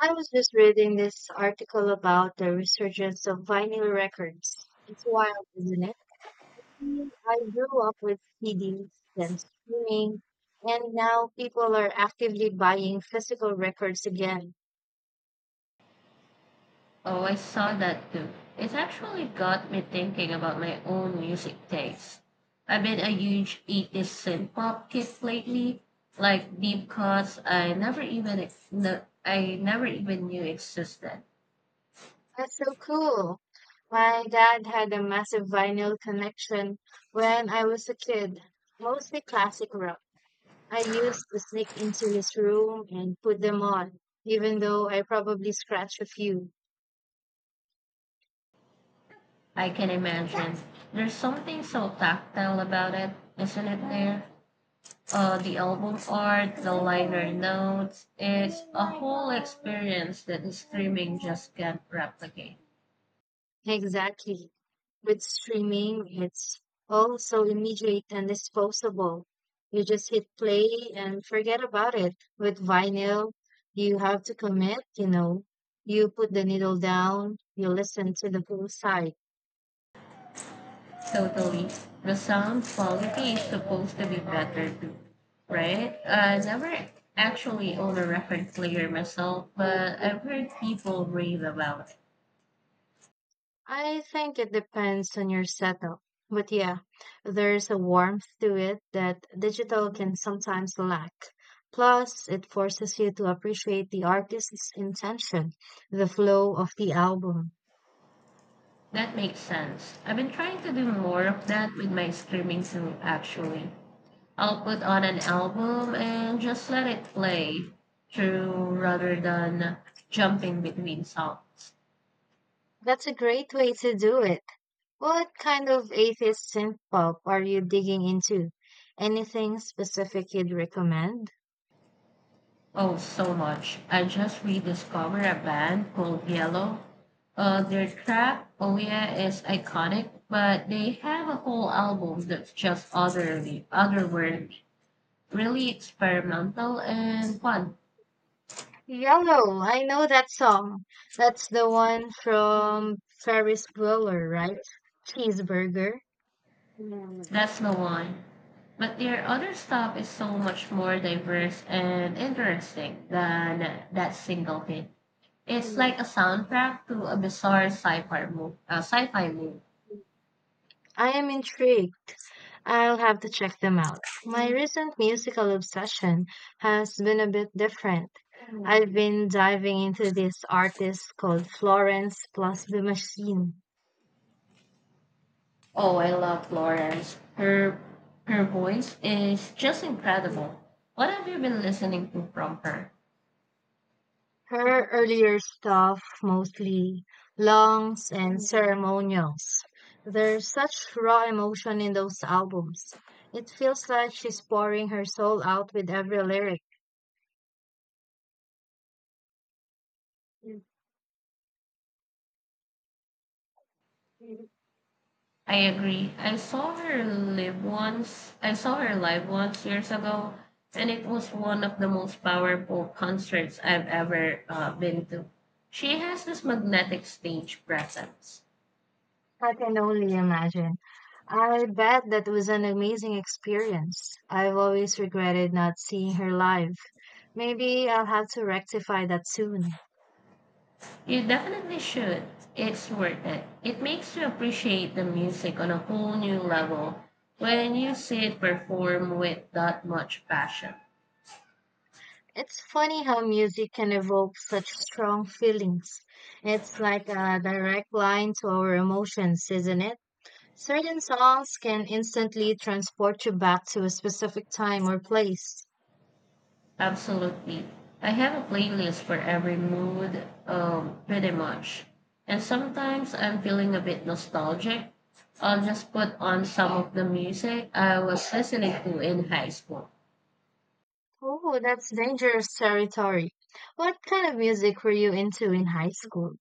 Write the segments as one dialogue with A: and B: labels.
A: I was just reading this article about the resurgence of vinyl records. It's wild, isn't it? I grew up with CDs and streaming, and now people are actively buying physical records again.
B: Oh, I saw that too. It's actually got me thinking about my own music taste. I've been a huge '80s synth pop kid lately, like deep cuts I never even I never even knew existed.
A: That's so cool. My dad had a massive vinyl collection when I was a kid, mostly classic rock. I used to sneak into his room and put them on, even though I probably scratched a few.
B: I can imagine. There's something so tactile about it, isn't it there? The album art, the liner notes, it's a whole experience that the streaming just can't replicate.
A: Exactly. With streaming, it's all so immediate and disposable. You just hit play and forget about it. With vinyl, you have to commit, you know. You put the needle down, you listen to the full side.
B: Totally. The sound quality is supposed to be better too, right? I never actually own a record player myself, but I've heard people rave about it.
A: I think it depends on your setup. But yeah, there's a warmth to it that digital can sometimes lack. Plus, it forces you to appreciate the artist's intention, the flow of the album.
B: That makes sense. I've been trying to do more of that with my streaming too, actually. I'll put on an album and just let it play through rather than jumping between songs.
A: That's a great way to do it. What kind of atheist synth pop are you digging into? Anything specific you'd recommend?
B: Oh, so much. I just rediscovered a band called Yellow. Their track, Oh Yeah, is iconic, but they have a whole album that's just otherworld, really experimental and fun.
A: Yellow, I know that song. That's the one from Ferris Bueller, right? Cheeseburger. Mm.
B: That's the one. But their other stuff is so much more diverse and interesting than that single hit. It's like a soundtrack to a bizarre sci-fi movie.
A: I am intrigued. I'll have to check them out. My recent musical obsession has been a bit different. I've been diving into this artist called Florence Plus the Machine.
B: Oh, I love Florence. Her voice is just incredible. What have you been listening to from her?
A: Her earlier stuff, mostly Longs and Ceremonials. There's such raw emotion in those albums. It feels like she's pouring her soul out with every lyric.
B: I agree. I saw her live once years ago, and it was one of the most powerful concerts I've ever been to. She has this magnetic stage presence.
A: I can only imagine. I bet that was an amazing experience. I've always regretted not seeing her live. Maybe I'll have to rectify that soon.
B: You definitely should. It's worth it. It makes you appreciate the music on a whole new level when you see it performed with that much passion.
A: It's funny how music can evoke such strong feelings. It's like a direct line to our emotions, isn't it? Certain songs can instantly transport you back to a specific time or place.
B: Absolutely. I have a playlist for every mood, pretty much. And sometimes I'm feeling a bit nostalgic. I'll just put on some of the music I was listening to in high school.
A: Oh, that's dangerous territory. What kind of music were you into in high school?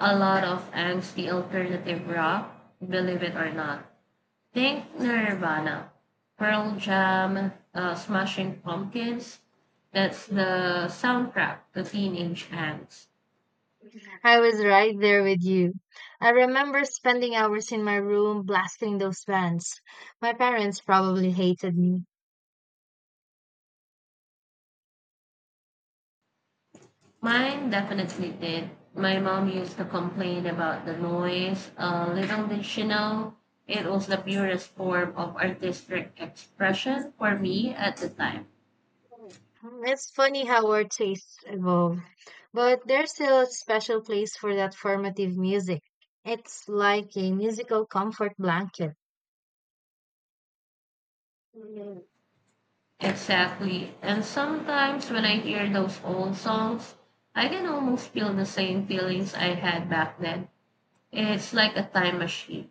B: A lot of angsty alternative rock, believe it or not. Think Nirvana, Pearl Jam, Smashing Pumpkins. That's the soundtrack to Teenage Angst.
A: I was right there with you. I remember spending hours in my room blasting those bands. My parents probably hated me.
B: Mine definitely did. My mom used to complain about the noise. Little did she know, it was the purest form of artistic expression for me at the time.
A: Hmm, it's funny how our tastes evolve. But there's still a special place for that formative music. It's like a musical comfort blanket. Mm.
B: Exactly. And sometimes when I hear those old songs, I can almost feel the same feelings I had back then. It's like a time machine.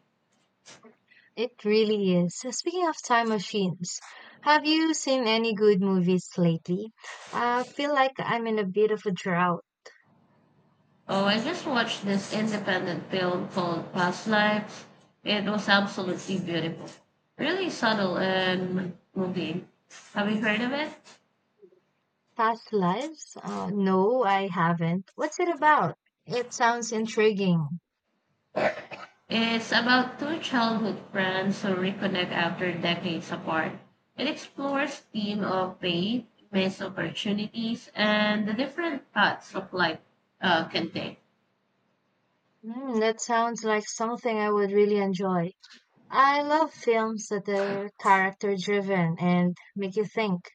A: It really is. Speaking of time machines, have you seen any good movies lately? I feel like I'm in a bit of a drought.
B: Oh, I just watched this independent film called Past Lives. It was absolutely beautiful. Really subtle and moving. Have you heard of it?
A: Past Lives? No, I haven't. What's it about? It sounds intriguing.
B: It's about two childhood friends who reconnect after decades apart. It explores theme of faith, missed opportunities, and the different paths of life can take.
A: Hmm, that sounds like something I would really enjoy. I love films that are character driven and make you think.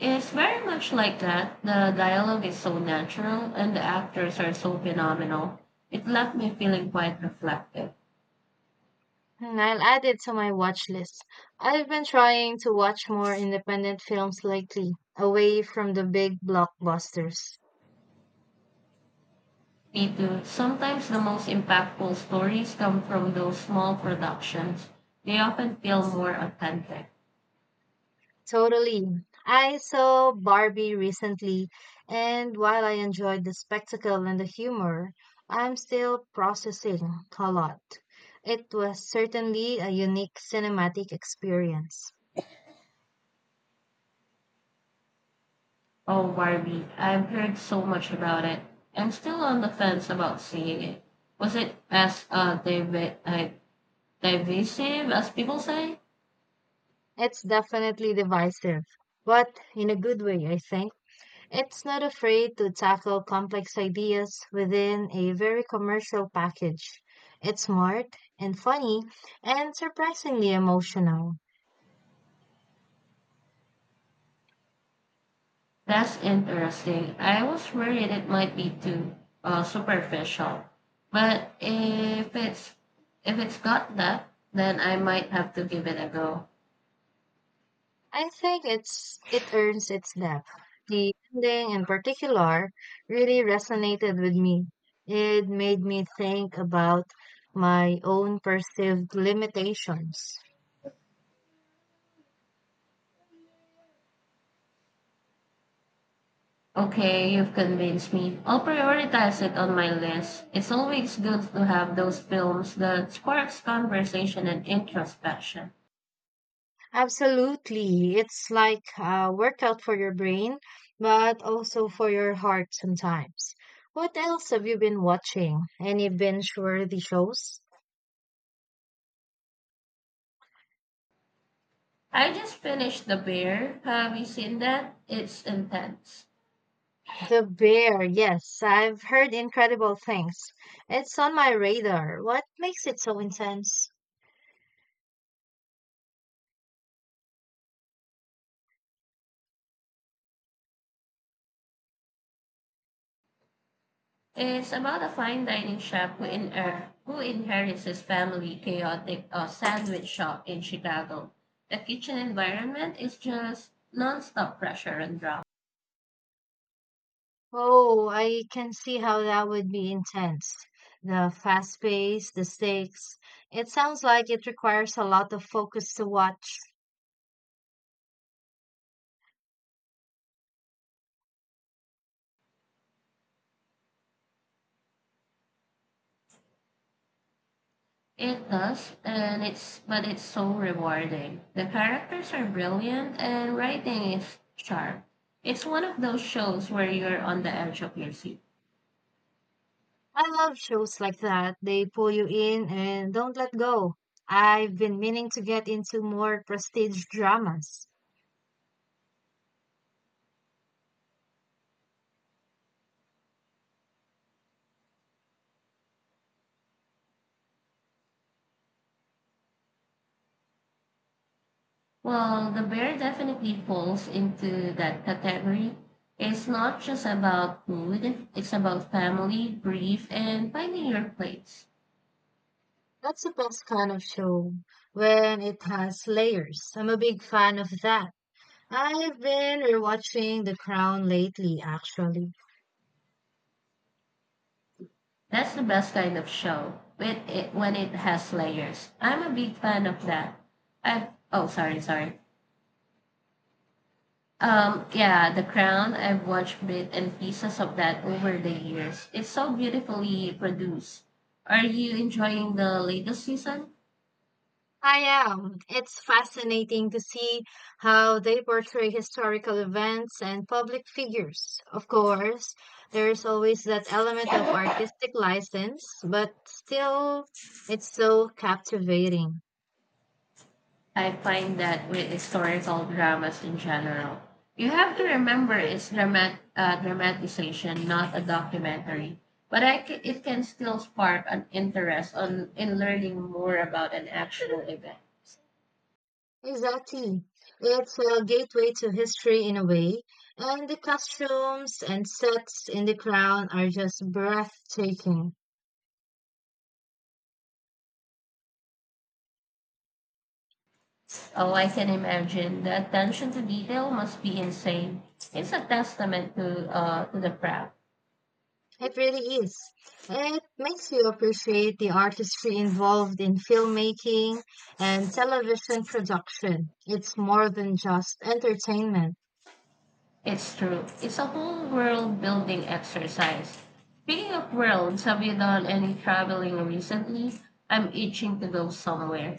B: It's very much like that. The dialogue is so natural and the actors are so phenomenal. It left me feeling quite reflective.
A: Hmm, I'll add it to my watch list. I've been trying to watch more independent films lately, away from the big blockbusters.
B: Me too. Sometimes the most impactful stories come from those small productions. They often feel more authentic.
A: Totally. I saw Barbie recently, and while I enjoyed the spectacle and the humor, I'm still processing a lot. It was certainly a unique cinematic experience.
B: Oh, Barbie, I've heard so much about it. I'm still on the fence about seeing it. Was it as uh, divisive as people say?
A: It's definitely divisive, but in a good way, I think. It's not afraid to tackle complex ideas within a very commercial package. It's smart and funny and surprisingly emotional.
B: That's interesting. I was worried it might be too superficial, but if it's got that, then I might have to give it a go.
A: I think it earns its depth. The ending in particular really resonated with me. It made me think about my own perceived limitations.
B: Okay, you've convinced me. I'll prioritize it on my list. It's always good to have those films that sparks conversation and introspection.
A: Absolutely. It's like a workout for your brain, but also for your heart sometimes. What else have you been watching? Any binge-worthy shows?
B: I just finished The Bear. Have you seen that? It's intense.
A: The Bear, yes, I've heard incredible things. It's on my radar. What makes it so intense?
B: It's about a fine dining chef who inherits his family chaotic sandwich shop in Chicago. The kitchen environment is just nonstop pressure and drama.
A: Oh, I can see how that would be intense. The fast pace, the stakes. It sounds like it requires a lot of focus to watch.
B: It does, and it's so rewarding. The characters are brilliant, and writing is sharp. It's one of those shows where you're on the edge of your seat.
A: I love shows like that. They pull you in and don't let go. I've been meaning to get into more prestige dramas.
B: Well, the bear definitely falls into that category. It's not just about food, it's about family, grief, and finding your place.
A: That's the best kind of show when it has layers. I'm a big fan of that. I've been rewatching The Crown lately, actually.
B: That's the best kind of show when it has layers. I'm a big fan of that. I've, oh, sorry. Yeah, The Crown, I've watched bit and pieces of that over the years. It's so beautifully produced. Are you enjoying the latest season?
A: I am. It's fascinating to see how they portray historical events and public figures. Of course, there's always that element of artistic license, but still, it's so captivating.
B: I find that with historical dramas in general, you have to remember it's dramatization, not a documentary. But it can still spark an interest on in learning more about an actual event.
A: Exactly. It's a gateway to history in a way, and the costumes and sets in The Crown are just breathtaking.
B: Oh, I can imagine the attention to detail must be insane. It's a testament to the craft.
A: It really is. It makes you appreciate the artistry involved in filmmaking and television production. It's more than just entertainment.
B: It's true. It's a whole world building exercise. Speaking of worlds, have you done any traveling recently? I'm itching to go somewhere.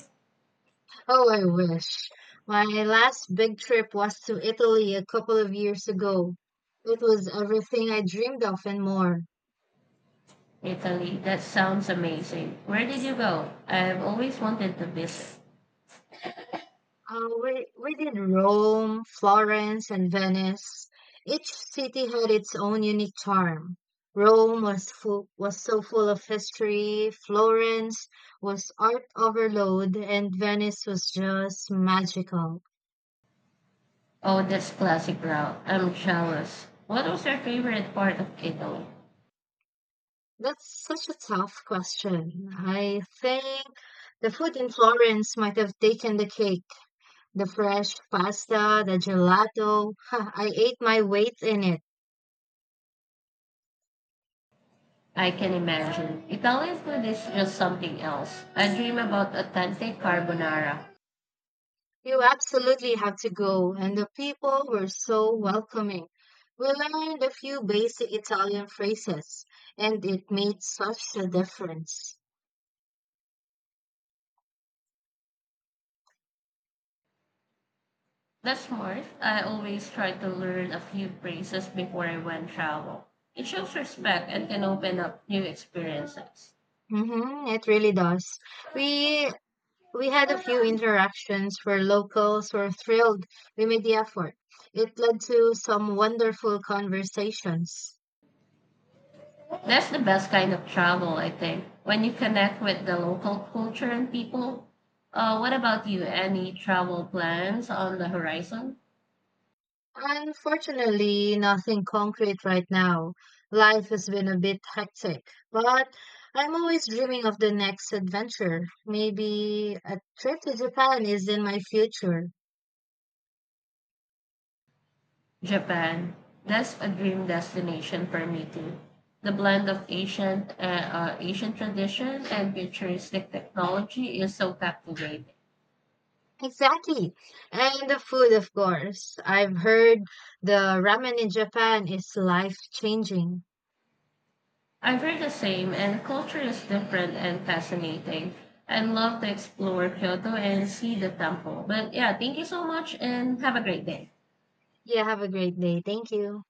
A: Oh, I wish. My last big trip was to Italy a couple of years ago. It was everything I dreamed of and more.
B: Italy, that sounds amazing. Where did you go? I've always wanted to visit.
A: We did Rome, Florence, and Venice. Each city had its own unique charm. Rome was so full of history, Florence was art overload, and Venice was just magical.
B: Oh, that's classic route. I'm jealous. What was your favorite part of Italy?
A: That's such a tough question. I think the food in Florence might have taken the cake. The fresh pasta, the gelato. I ate my weight in it.
B: I can imagine. Italian food is just something else. I dream about authentic carbonara.
A: You absolutely have to go, and the people were so welcoming. We learned a few basic Italian phrases, and it made such a difference.
B: That's smart. I always try to learn a few phrases before I went travel. It shows respect and can open up new experiences.
A: It really does. We we had a few interactions where locals were thrilled we made the effort. It led to some wonderful conversations.
B: That's the best kind of travel, I think, when you connect with the local culture and people. What about you? Any travel plans on the horizon?
A: Unfortunately, nothing concrete right now. Life has been a bit hectic, but I'm always dreaming of the next adventure. Maybe a trip to Japan is in my future.
B: Japan. That's a dream destination for me too. The blend of ancient, Asian tradition and futuristic technology is so captivating.
A: Exactly. And the food, of course. I've heard the ramen in Japan is life changing.
B: I've heard the same, and culture is different and fascinating. I'd love to explore Kyoto and see the temple. But yeah, thank you so much and have a great day.
A: Yeah, have a great day. Thank you.